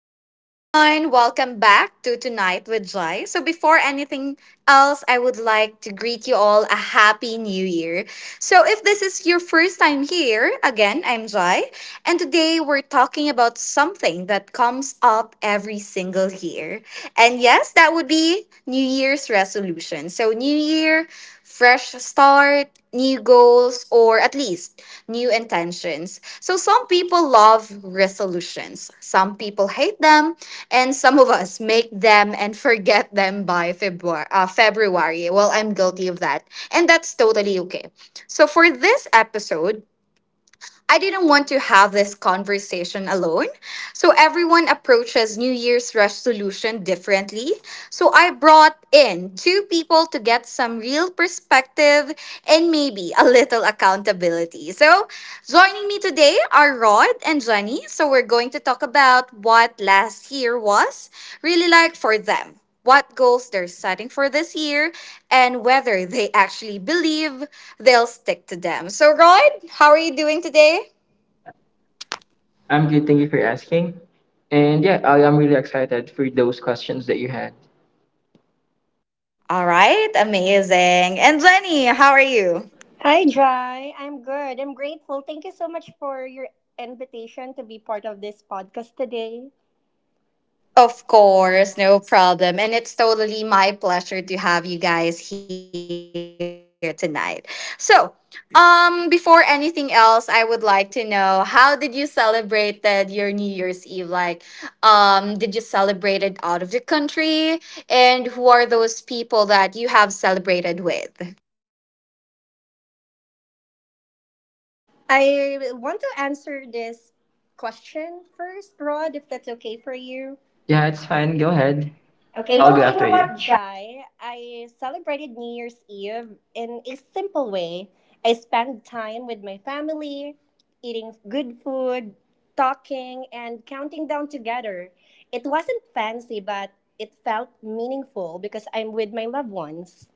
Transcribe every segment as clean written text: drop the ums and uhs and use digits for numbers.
Hey everyone, welcome back to Tonight with Jai. So before anything else, I would like to greet you all a happy new year. So if this is your first time here, again, I'm Jai, and today we're talking about something that comes up every single year. And yes, that would be New Year's resolution. So new year, fresh start, new goals, or at least new intentions. So, some people love resolutions, some people hate them, and some of us make them and forget them by February. February. Well, I'm guilty of that, and that's totally okay. So, for this episode, I didn't want to have this conversation alone. So everyone approaches New Year's resolution differently. So I brought in two people to get some real perspective and maybe a little accountability. So joining me today are Rod and Jenny. So we're going to talk about what last year was really like for them. What goals they're setting for this year and whether they actually believe they'll stick to them. So, Rod, how are you doing today? I'm good. Thank you for asking. And yeah, I'm really excited for those questions that you had. All right, amazing. And Jenny, how are you? Hi, Jai. I'm good. I'm grateful. Thank you so much for your invitation to be part of this podcast today. Of course, no problem. And it's totally my pleasure to have you guys here tonight. So, before anything else, I would like to know how did you celebrate that your New Year's Eve? Like, did you celebrate it out of the country? And who are those people that you have celebrated with? I want to answer this question first, Rod, if that's okay for you. Yeah, it's fine. Go ahead. Okay, Okay, I'll go well, kind you know after you. what, Work job Jai? I celebrated New Year's Eve in a simple way. I spent time with my family, eating good food, talking, and counting down together. It wasn't fancy, but it felt meaningful because I'm with my loved ones.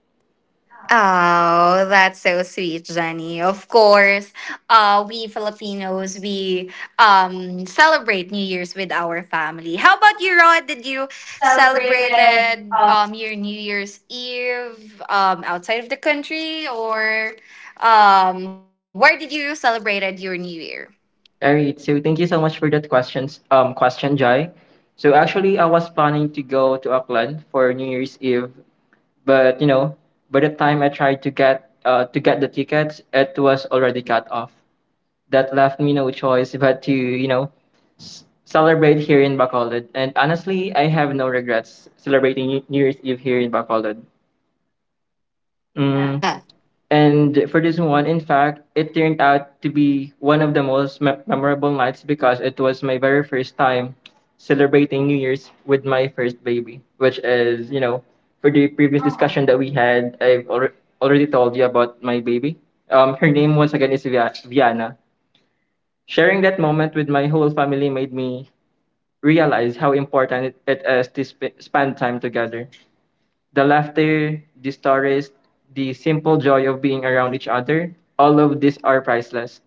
Oh, that's so sweet, Jenny. Of course, we Filipinos we celebrate New Year's with our family. How about you, Rod? Did you celebrated? celebrated your New Year's Eve outside of the country, or where did you celebrated your New Year? All right. So thank you so much for that questions. Question, Jai. So actually, I was planning to go to Auckland for New Year's Eve, but you know, by the time I tried to get the tickets, it was already cut off. That left me no choice but to, you know, celebrate here in Bacolod. And honestly, I have no regrets celebrating New Year's Eve here in Bacolod. Mm. And for this one, in fact, it turned out to be one of the most memorable nights because it was my very first time celebrating New Year's with my first baby, which is, you know, for the previous discussion that we had, I've already told you about my baby. Her name once again is Viana. Sharing that moment with my whole family made me realize how important it is to spend time together. The laughter, the stories, the simple joy of being around each other, all of these are priceless.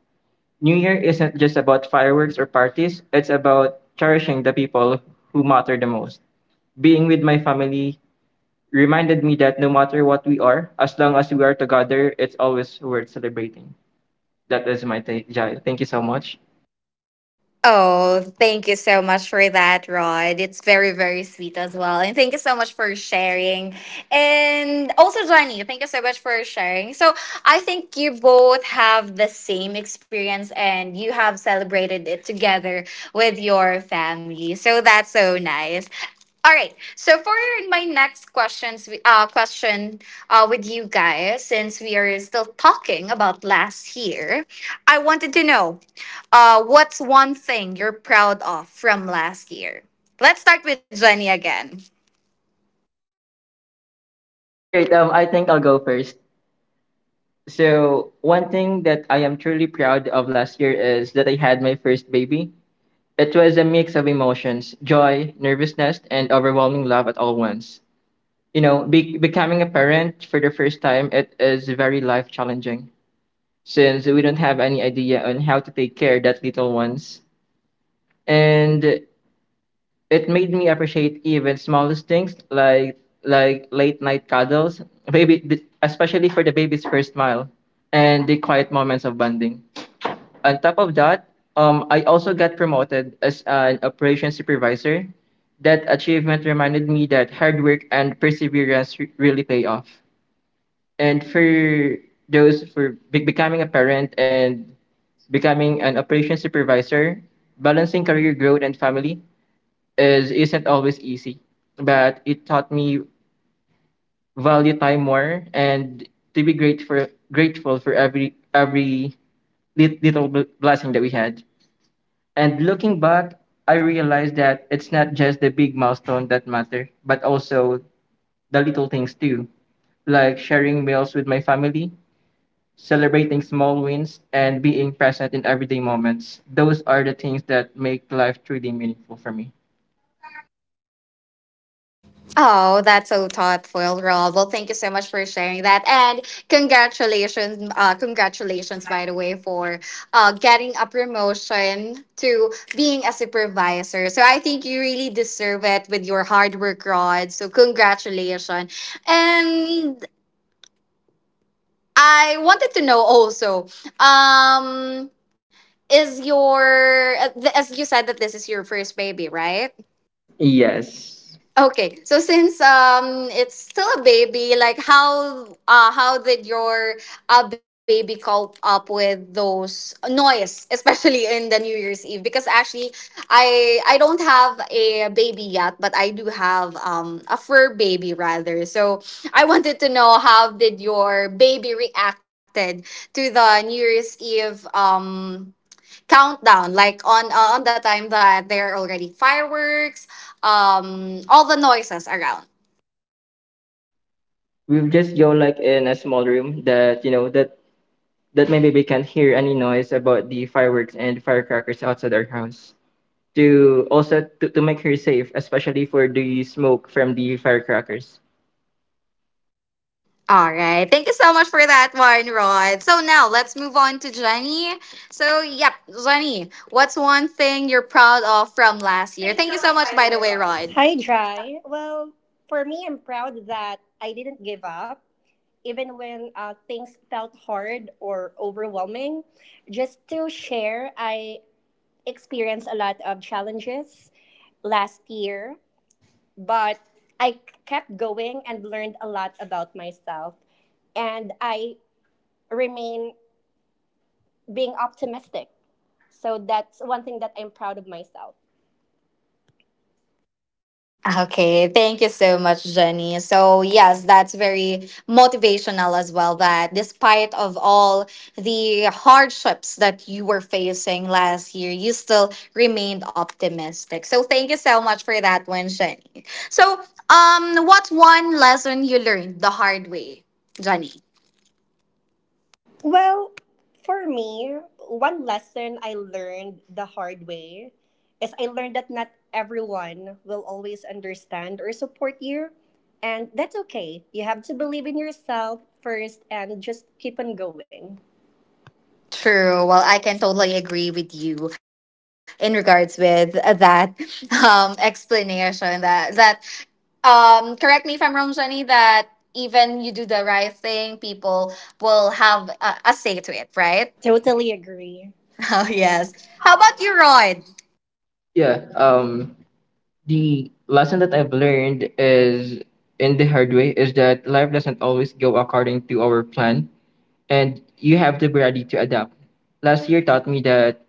New Year isn't just about fireworks or parties, it's about cherishing the people who matter the most. Being with my family reminded me that no matter what we are, as long as we are together, it's always worth celebrating. That is my take, Jai. Thank you so much. Oh, thank you so much for that, Rod. It's very, very sweet as well. And thank you so much for sharing. And also, Johnny, thank you so much for sharing. So, I think you both have the same experience and you have celebrated it together with your family. So, that's so nice. All right. So for my next question with you guys, since we are still talking about last year, I wanted to know what's one thing you're proud of from last year? Let's start with Jenny again. All right, I think I'll go first. So one thing that I am truly proud of last year is that I had my first baby. It was a mix of emotions, joy, nervousness, and overwhelming love at all once. You know, becoming a parent for the first time, it is very life challenging since we don't have any idea on how to take care of that little ones. And it made me appreciate even smallest things like late night cuddles, baby, especially for the baby's first smile, and the quiet moments of bonding. On top of that, I also got promoted as an operations supervisor. That achievement reminded me that hard work and perseverance really pay off. And for those for becoming a parent and becoming an operations supervisor, balancing career growth and family is isn't always easy. But it taught me value time more and to be grateful for every little blessing that we had. And looking back, I realized that it's not just the big milestone that matter, but also the little things too, like sharing meals with my family, celebrating small wins, and being present in everyday moments. Those are the things that make life truly meaningful for me. Oh, that's so thoughtful, Rob. Well, thank you so much for sharing that, and congratulations, by the way, for getting a promotion to being a supervisor. So I think you really deserve it with your hard work, Rod. So congratulations, and I wanted to know also, um, is your as you said, that this is your first baby, right? Yes. Okay, so since it's still a baby, like how did your baby cope up with those noise, especially in the New Year's Eve? Because actually I don't have a baby yet, but I do have a fur baby rather. So I wanted to know how did your baby reacted to the New Year's Eve countdown, like on the time that there are already fireworks, all the noises around. We'll just go like in a small room that you know that my baby can't hear any noise about the fireworks and firecrackers outside our house. To also to make her safe, especially for the smoke from the firecrackers. All right, thank you so much for that one, Rod. So now let's move on to Jenny. So yep, Jenny, what's one thing you're proud of from last year? Thank you Thank you so so much, much, by the by the way, way, Rod. Rod. Hi, Jai. Well, for me, I'm proud that I didn't give up, even when things felt hard or overwhelming. Just to share, I experienced a lot of challenges last year, but I kept going and learned a lot about myself. And I remain being optimistic. So that's one thing that I'm proud of myself. Okay, thank you so much, Jenny. So yes, that's very motivational as well. That despite of all the hardships that you were facing last year, you still remained optimistic. So thank you so much for that one, Jenny. So what's one lesson you learned the hard way, Jenny? Well, for me, one lesson I learned the hard way is I learned that not everyone will always understand or support you. And that's okay. You have to believe in yourself first and just keep on going. True. Well, I can totally agree with you in regards with that explanation that that correct me if I'm wrong, Jenny, that even you do the right thing, people will have a say to it, right? Totally agree. Oh yes, how about you, Rod? Yeah. The lesson that I've learned is in the hard way is that life doesn't always go according to our plan, and you have to be ready to adapt. Last year taught me that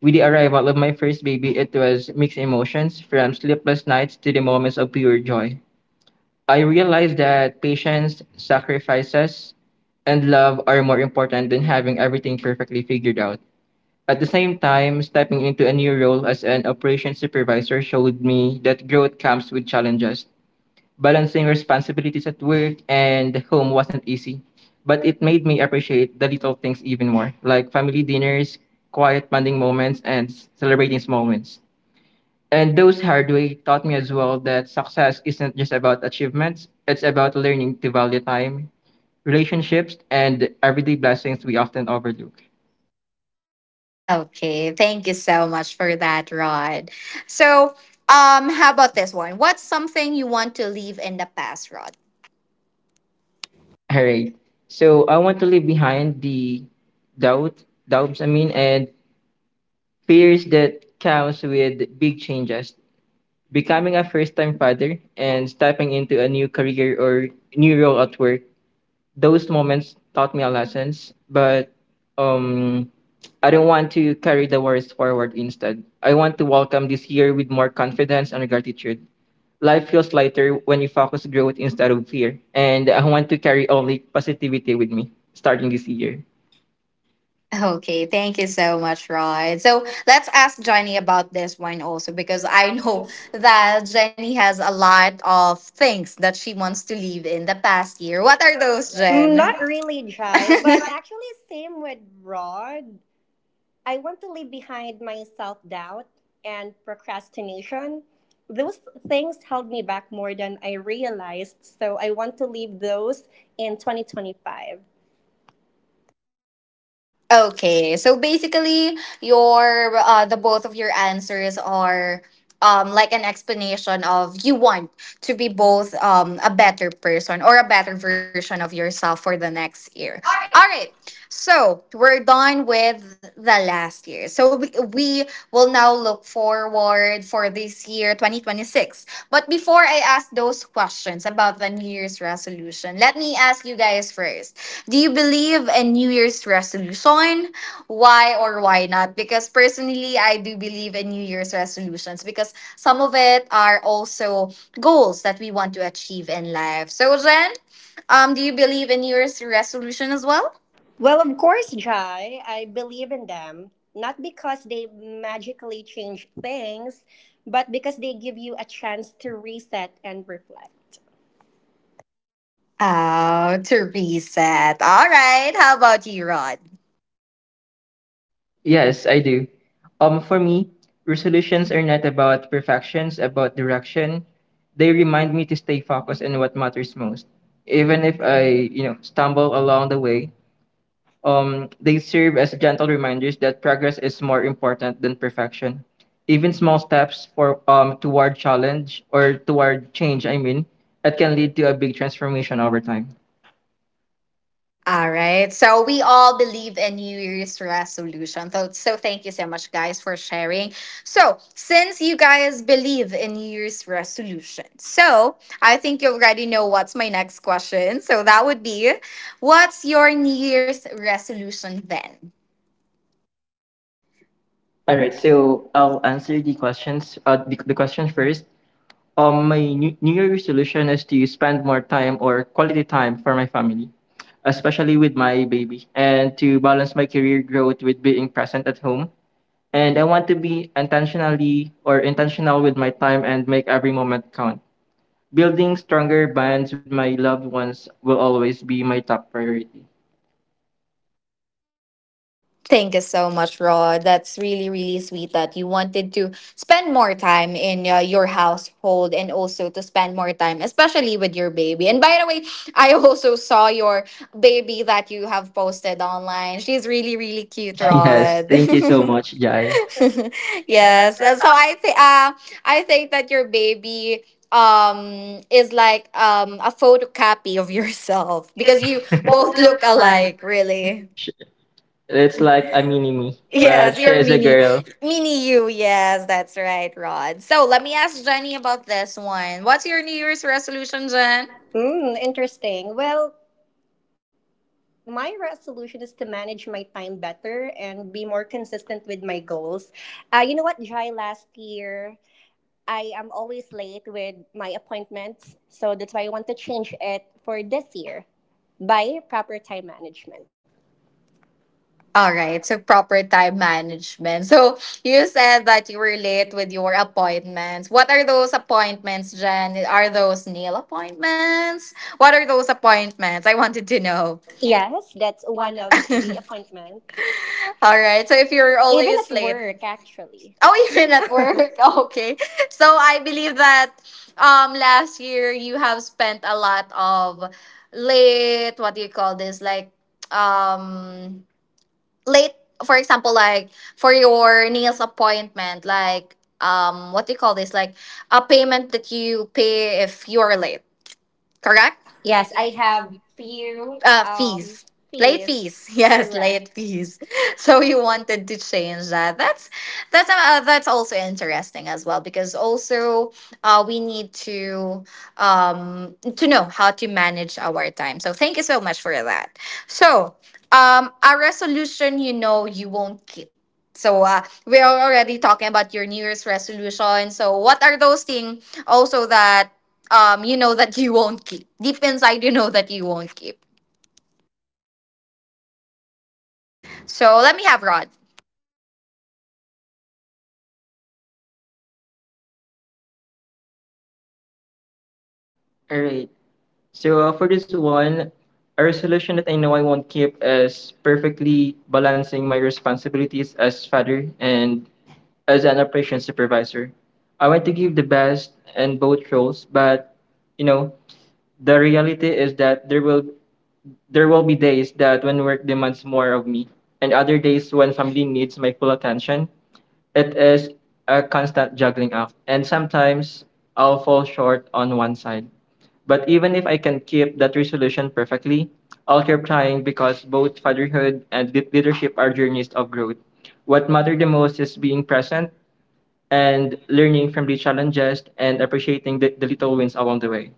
with the arrival of my first baby, it was mixed emotions from sleepless nights to the moments of pure joy. I realized that patience, sacrifices, and love are more important than having everything perfectly figured out. At the same time, stepping into a new role as an operations supervisor showed me that growth comes with challenges. Balancing responsibilities at work and home wasn't easy, but it made me appreciate the little things even more, like family dinners, quiet bonding moments, and celebrating small wins. And those hard way taught me as well that success isn't just about achievements, it's about learning to value time, relationships, and everyday blessings we often overlook. Okay, thank you so much for that, Rod. So how about this one? What's something you want to leave in the past, Rod? All right. So I want to leave behind the doubt, doubts, I mean, and fears that comes with big changes. Becoming a first-time father and stepping into a new career or new role at work. Those moments taught me a lessons, but um, I don't want to carry the worries forward. Instead, I want to welcome this year with more confidence and gratitude. Life feels lighter when you focus growth instead of fear. And I want to carry only positivity with me starting this year. Okay, thank you so much, Roy. So let's ask Jenny about this one also, because I know that Jenny has a lot of things that she wants to leave in the past year. What are those, Mm, Jen? not really, Jai, but actually, same with Rod. I want to leave behind my self doubt and procrastination. Those things held me back more than I realized, so I want to leave those in 2025. Okay, so basically, your the both of your answers are like an explanation of you want to be both a better person or a better version of yourself for the next year. All All right. right. So we're done with the last year. So we will now look forward for this year, 2026. But before I ask those questions about the New Year's resolution, let me ask you guys first. Do you believe in New Year's resolution? Why or why not? Because personally, I do believe in New Year's resolutions, because some of it are also goals that we want to achieve in life. So, Jen, do you believe in New Year's resolution as well? Well, of course, Jai, I believe in them. Not because they magically change things, but because they give you a chance to reset and reflect. Oh, to reset. All right. How about you, Rod? Yes, I do. For me, resolutions are not about perfections, about direction. They remind me to stay focused on what matters most. Even if I, you know, stumble along the way, they serve as gentle reminders that progress is more important than perfection. Even small steps for toward challenge or toward change, I mean, that can lead to a big transformation over time. All right. So we all believe in New Year's resolution. So, so thank you so much, guys, for sharing. So since you guys believe in New Year's resolution, so I think you already know what's my next question. So that would be, what's your New Year's resolution then? All right, so I'll answer the questions. The question first. My new Year resolution is to spend more time or quality time for my family, especially with my baby, and to balance my career growth with being present at home, and I want to be intentionally or intentional with my time and make every moment count. Building stronger bonds with my loved ones will always be my top priority. Thank you so much, Rod. That's really, really sweet that you wanted to spend more time in your household and also to spend more time, especially with your baby. And by the way, I also saw your baby that you have posted online. She's really, really cute, Yes, Rod. thank you so much, Jai. Yes. So I think that your baby is like a photocopy of yourself, because you both look alike, really. Sh- It's like a mini me, but Yes, she your is a mini girl. mini you. Yes, that's right, Rod. So let me ask Jenny about this one. What's your New Year's resolution, Jen? Mm, interesting. Well, my resolution is to manage my time better and be more consistent with my goals. You know what, Jai, last year I am always late with my appointments. So that's why I want to change it for this year by proper time management. All right, so proper time management. So you said that you were late with your appointments. What are those appointments, Jen? Are those nail appointments? What are those appointments? I wanted to know. Yes, that's one of the appointments. All right. So if you're Even at always late. work, actually. Oh, even at work. Okay. So I believe that last year you have spent a lot of late, what do you call this? Like um late, for example, like for your nails appointment, like what do you call this, like a payment that you pay if you are late, correct? Yes, Yes, I I have have few. few um Fees. Late fees. fees. Yes, late Correct. fees. So you wanted to change that. That's also interesting as well, because also we need to know how to manage our time. So thank you so much for that. So a resolution you know you won't keep. So we are already talking about your New Year's resolution. So what are those things also that you know that you won't keep. Deep inside, you know that you won't keep. So let me have Rod. All right. So for this one, a resolution that I know I won't keep is perfectly balancing my responsibilities as father and as an operations supervisor. I want to give the best in both roles, but you know, the reality is that there will be days that when work demands more of me and other days when family needs my full attention. It is a constant juggling act, and sometimes I'll fall short on one side. But even if I can keep that resolution perfectly, I'll keep trying because both fatherhood and leadership are journeys of growth. What matters the most is being present and learning from the challenges and appreciating the little wins along the way.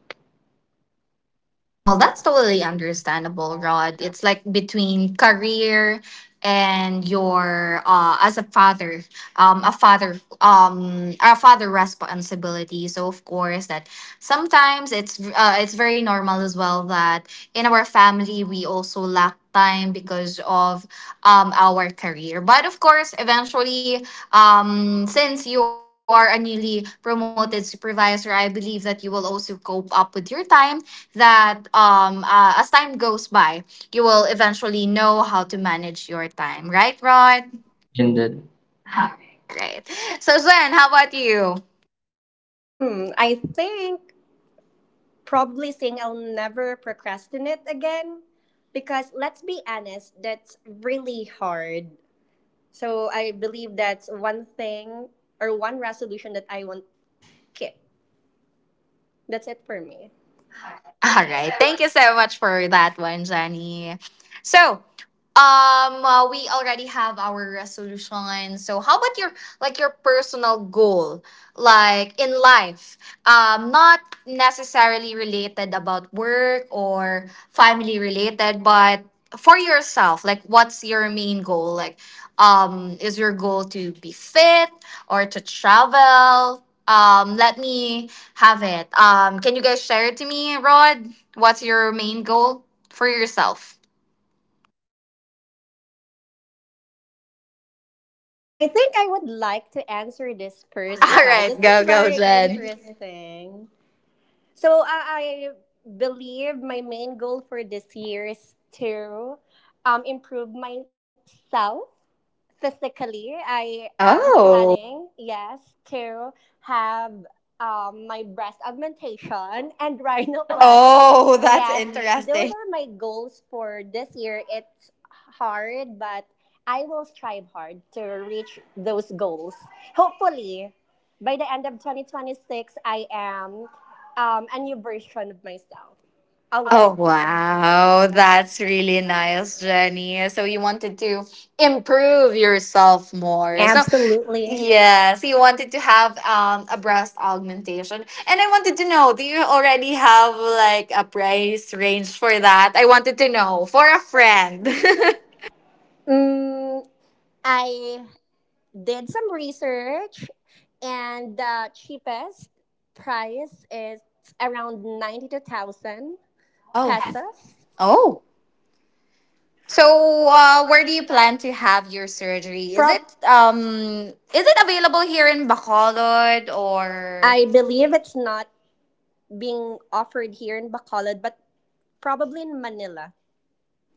Well, Well, that's that's totally really. understandable, Rod. It's like between career and your as a father, a father responsibility. So of course that sometimes it's very normal as well that in our family we also lack time because of our career. But of course, eventually since you are a newly promoted supervisor, I believe that you will also cope up with your time that as time goes by, you will eventually know how to manage your time, right, Rod? And then, Alright. All right. So Zen, how about you? Hmm, I think probably saying I'll never procrastinate again because let's be honest, that's really hard. So I believe that's one thing or one resolution that I won't keep. That's it for me. All Thank you right. so Thank much. you so much for that one, Jenny. So, we already have our resolution. So, how about your like your personal goal, like in life, not necessarily related about work or family related, but for yourself, like what's your main goal? Like, is your goal to be fit or to travel? Let me have it. Can you guys share it to me, Rod? What's your main goal for yourself? I think I would like to answer this first, All Jai. right, This is go, very Jen. interesting. So I believe my main goal for this year is to improve myself physically. I am Oh. planning, yes, to have my breast augmentation and rhinoplasty. Oh, that's Yes, those interesting. are my goals for this year. It's hard, but I will strive hard to reach those goals. Hopefully, by the end of 2026, I am a new version of myself Oh, already. Oh, wow. that's That's really really nice, nice, right? Jenny. So, you wanted to improve yourself more. So, Absolutely. Yeah. yes, you wanted to have a breast augmentation. And I wanted to know, do you already have like a price range for that? I wanted to know Or for a a friend. friend. Mm, I did some research, and the cheapest price is around 92,000 Oh, pesos. So, oh. So, where where do do you you plan plan to have your to seriously? surgery? Um, um is it available here in Bacolod, or or I believe it's not being offered here in Bacolod, but probably in Manila.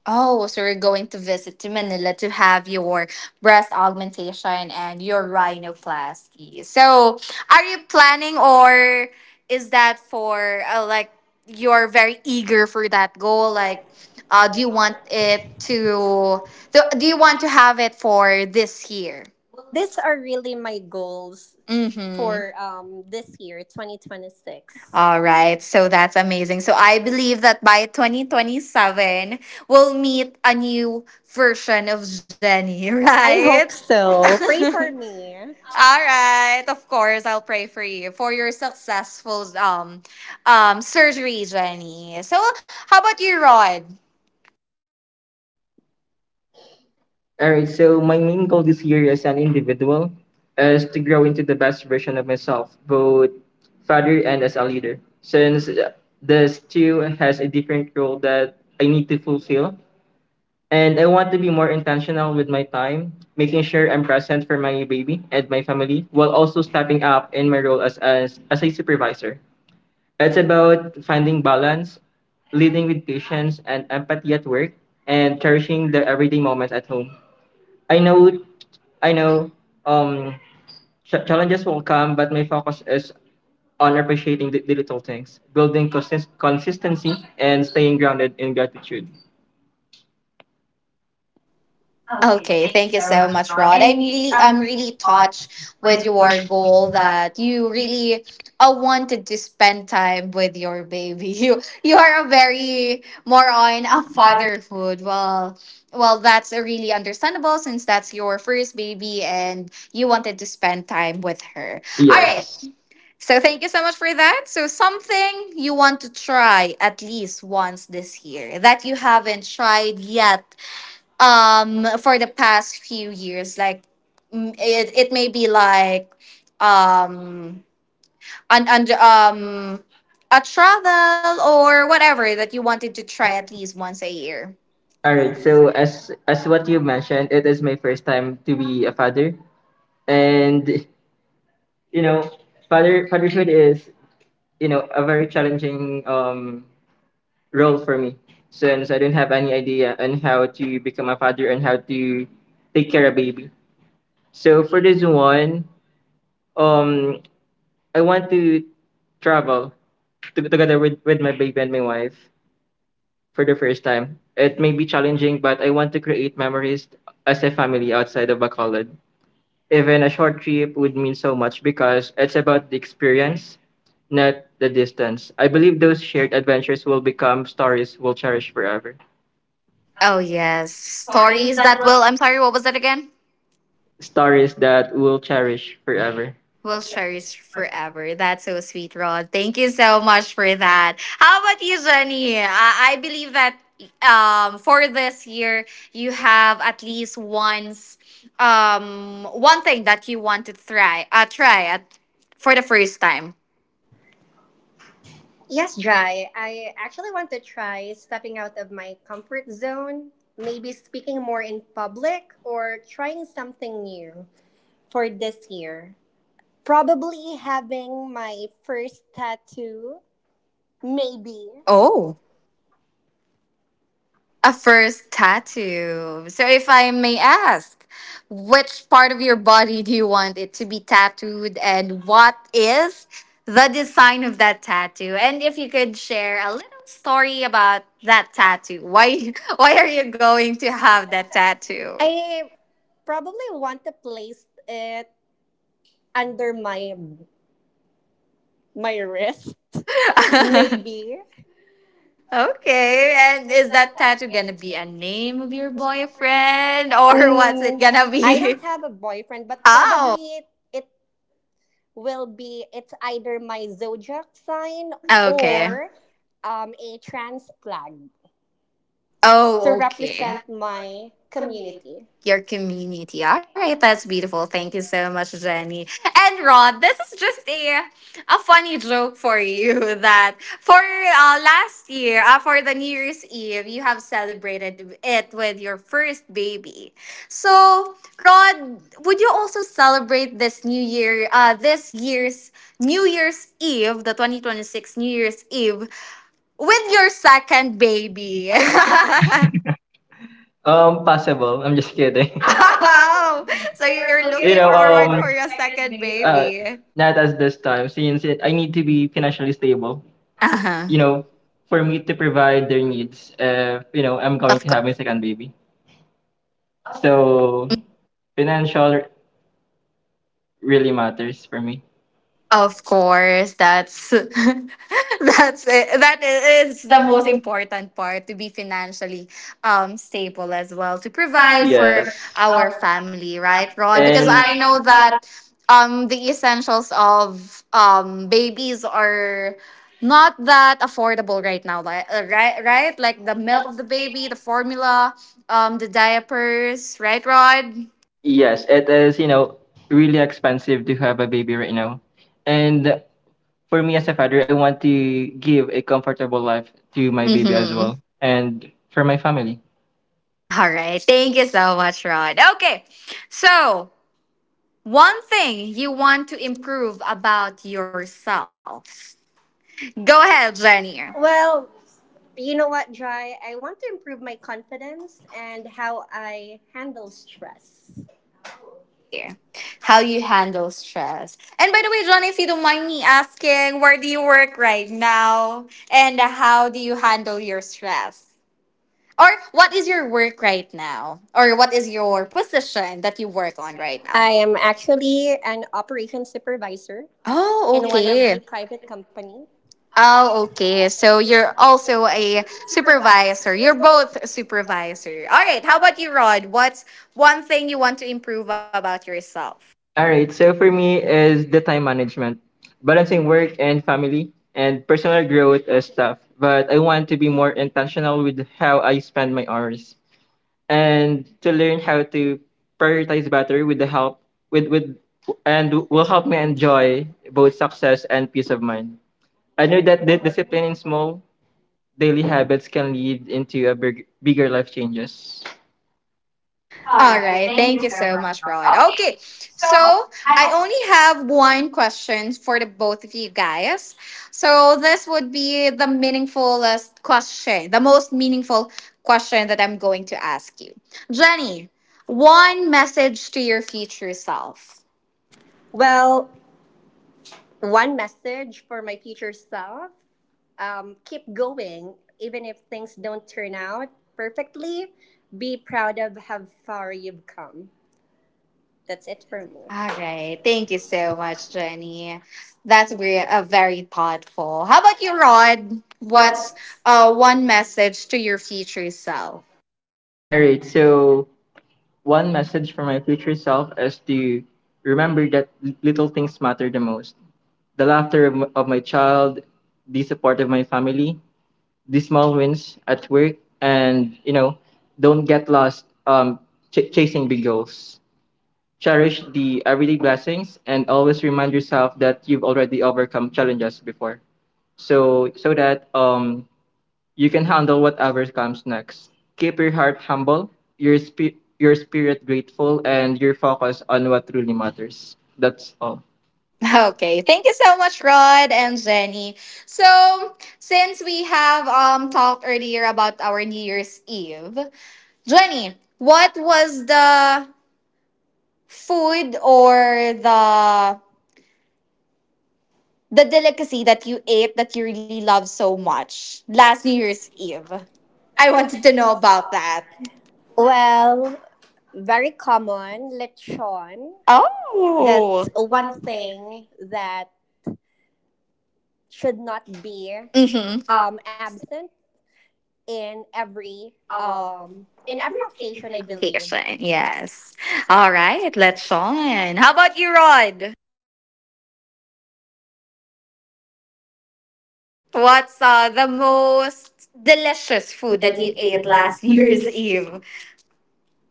Oh, so you're going to visit to Manila to have your breast augmentation and your rhinoplasty. So, are you planning, or is that for like you're very eager for that goal, Oh, like like, do you do Do Do you you want want want? it It to to? do, Do, do do you you want want? to have it for this year? Well, these are really my goals Mhm. for this year, 2026. All right. So that's amazing. So I believe that by 2027, we'll meet a new version of Jenny, I right? hope so. Pray for me. All right. Of course, I'll pray for you for your successful surgery, Jenny. So, how about you, Rod? All right, so my main goal this year as an individual is to grow into the best version of myself, both father and as a leader. Since this too has a different role that I need to fulfill, and I want to be more intentional with my time, making sure I'm present for my baby and my family, while also stepping up in my role as as a supervisor. It's about finding balance, leading with patience and empathy at work, and cherishing the everyday moments at home. I know, I know, um, challenges will come, but my focus is on appreciating the little things, building consistency, and staying grounded in gratitude. Okay, Okay, thank thank you you so so much, much, Ron. Rod. I'm really, I'm I'm really really caught touched with with your your goal like, that you really wanted to spend time with your baby. You are a very more on Ron, a I'm bothered. fatherhood. Well, that's really understandable since that's your first baby and you wanted to spend time with her. All All right. right. Yes. So thank you so much for that. So something you want to try at least once this year that you haven't tried yet for the past few years like it may be like um and a travel or whatever that you wanted to try at least once a year. All right. So as what you mentioned, it is my first time to be a father, and you know, fatherhood is you know a very challenging role for me since I don't have any idea on how to become a father and how to take care of baby. So for this one, um, I want to travel to, together with my baby and my wife for the first time. It may be challenging, but I want to create memories as a family outside of Bacolod. Even a short trip would mean so much because it's about the experience, not the distance. I believe those shared adventures will become stories we'll cherish forever. Oh, yes, Stories stories that that will will, I'm sorry, what was that again? Stories that we'll cherish forever. Will We'll cherish cherish forever. forever. That's so sweet, Rod. Thank you so much for that. How about you, Jenny? I believe that for this year, you have at least once, one thing that you want to try, try at, for the first time. Yes, Jai. I actually want to try stepping out of my comfort zone, maybe speaking more in public or trying something new for this year. Probably having my first tattoo. Maybe. Oh. A first tattoo. So, if I may ask, which part of your body do you want it to be tattooed, and what is the design of that tattoo? And if you could share a little story about that tattoo, why why are you going to have that tattoo? I probably want to place it under my wrist. Maybe. Okay, Okay, then and is is that that tattoo tattoo gonna gonna be be a a name name of in your your boyfriend boyfriend, or what's it or what's it gonna gonna be? I be? don't have a boyfriend, but Oh, probably it will be, it's either my zodiac sign okay. or a trans flag to Oh, okay. represent my community. Your community. All right, that's beautiful. Thank you so much, Jenny. And Rod, this is just a funny joke for you that for last year, for the New Year's Eve, you have celebrated it with your first baby. So, Rod, would you also celebrate this New Year, this year's New Year's Eve, the 2026 New Year's Eve, with your second Maybe. baby? Possible. I'm just kidding. Oh, So so you're you're looking, looking you know, forward forward for for the your second second baby. Baby. Not as this time, since it, I need to be financially stable. You Uh-huh. know, for me to provide their needs if, you know, I'm going Of to have my second baby. So financial really matters for me. Oh, Of course, that's that's it. That is it's the the most most important important part to be financially stable as well to provide provide. for Yes, for our our family, family, right? right, Rod? Because and Because I I know know that that the essentials of babies are not that affordable right now, like right, like like the the milk milk of the baby, baby. the formula, the diapers, right, Rod? Yes, it is, you know, really expensive to have a baby right now. And for me as a father, I want to give a comfortable life to my baby as Mm-hmm. well and for my family. All right. Thank you so much, Rod. Okay. So, one thing you want to improve about yourself. Go ahead, Jenny. Well, you know what, Jai? I want to improve my confidence and how I handle stress. Oh, okay. How you handle stress. And by the way, Johnny, if you don't mind me asking, where do you work right now? And how do you handle your stress? Or what is your work right now? Or what is your position that you work on right now? I am actually an operations supervisor Oh, in one of the okay. private company. Oh, Okay, okay. so So you're you're also also a a supervisor. supervisor. You're You're both both a supervisors. supervisor. All All right, right. how How about about you? you, Rod? What's one thing you want to improve about yourself? All right. So for me is the time management, balancing work and family and personal growth is tough. But I want to be more intentional with how I spend my hours and to learn how to prioritize better with the help with and will help me enjoy both success and peace of mind. I know that the discipline in small daily habits can lead into a big, bigger life changes. All All right. right. Thank Thank you you so so much, much, Ron. Rod. Okay. Okay. So So I I only have one question for the both of you guys. So this would be the meaningfulest question, the most meaningful question that I'm going to ask you. Jenny, one message to your future self. Well, one message for my future self, keep going, even if things don't turn out perfectly. Be proud of how far you've come. That's it for me. All All right. right, Thank thank you you so so much, much. Jenny. That's very, very thoughtful. How about you, Rod? don't. What's one message to your future self? All right. So one message for my future self is to remember that little things matter the most. The laughter of, of my child, the support of my family, the small wins at work, and you know, don't get lost chasing big goals. Cherish the everyday blessings and always remind yourself that you've already overcome challenges before. So so that you can handle whatever comes next. Keep your heart humble, your your spirit grateful, and your focus on what truly matters. That's all. How- Okay, Thank. thank you so much, Rod and Jenny. So, since we have talked earlier about our New Year's Eve, Jenny, what was the food or the delicacy that you ate that you really love so much last New Year's Seriously. Eve? I I wanted to want to know know about about that. that. Well, very common lechon. Oh. That's Oh. one thing that should not be. Mhm. Mm-hmm. Absent in every occasion, I believe. Vacation, yes. So All Alright, right, let's that's. on. How about you, Rod? What's the most delicious food that That you we ate ate last last year's year's Eve? game.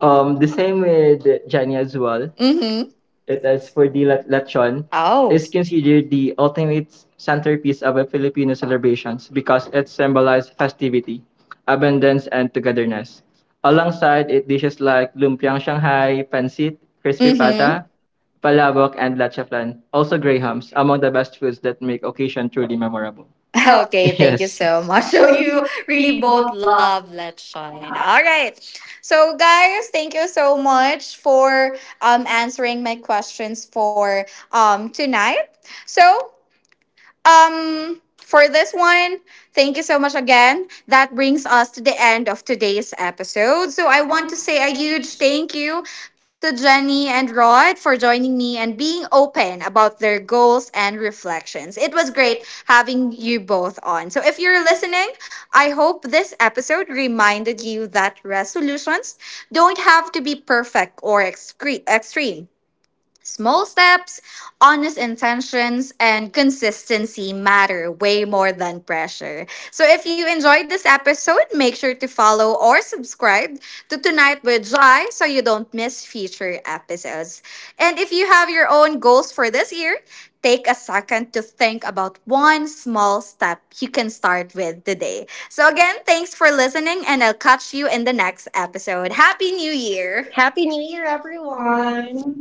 The same with Jenny as well. Mm-hmm. It is for the lechon Oh. is considered the ultimate centerpiece of a Filipino celebrations because it symbolizes festivity, abundance, and togetherness. Alongside it, dishes like lumpiang Shanghai, pancit, crispy Mm-hmm. pata, palabok, and lachaflan, also grahams, among the best foods that make occasion truly memorable. Okay, thank you Yes. so much. So you really both love Let's Shine. All right. So guys, thank you so much for answering my questions for tonight. So for this one, thank you so much again. That brings us to the end of today's episode. So I I want want to to say say a a huge huge thanks. thank you to Jenny and Rod for joining me and being open about their goals and reflections. It It was was great. great having you both on. So if If you're you're listening, listening, I hope this episode reminded you that resolutions don't have to be perfect or extreme. Small steps, honest intentions, and consistency matter way more than pressure. So if you enjoyed this episode, make sure to follow or subscribe to Tonight with Jai so you don't miss future episodes. And if you have your own goals for this year, take a second to think about one small step you can start with today. So again, thanks for listening and I'll catch you in the next episode. Happy New Year! happy New Year, everyone!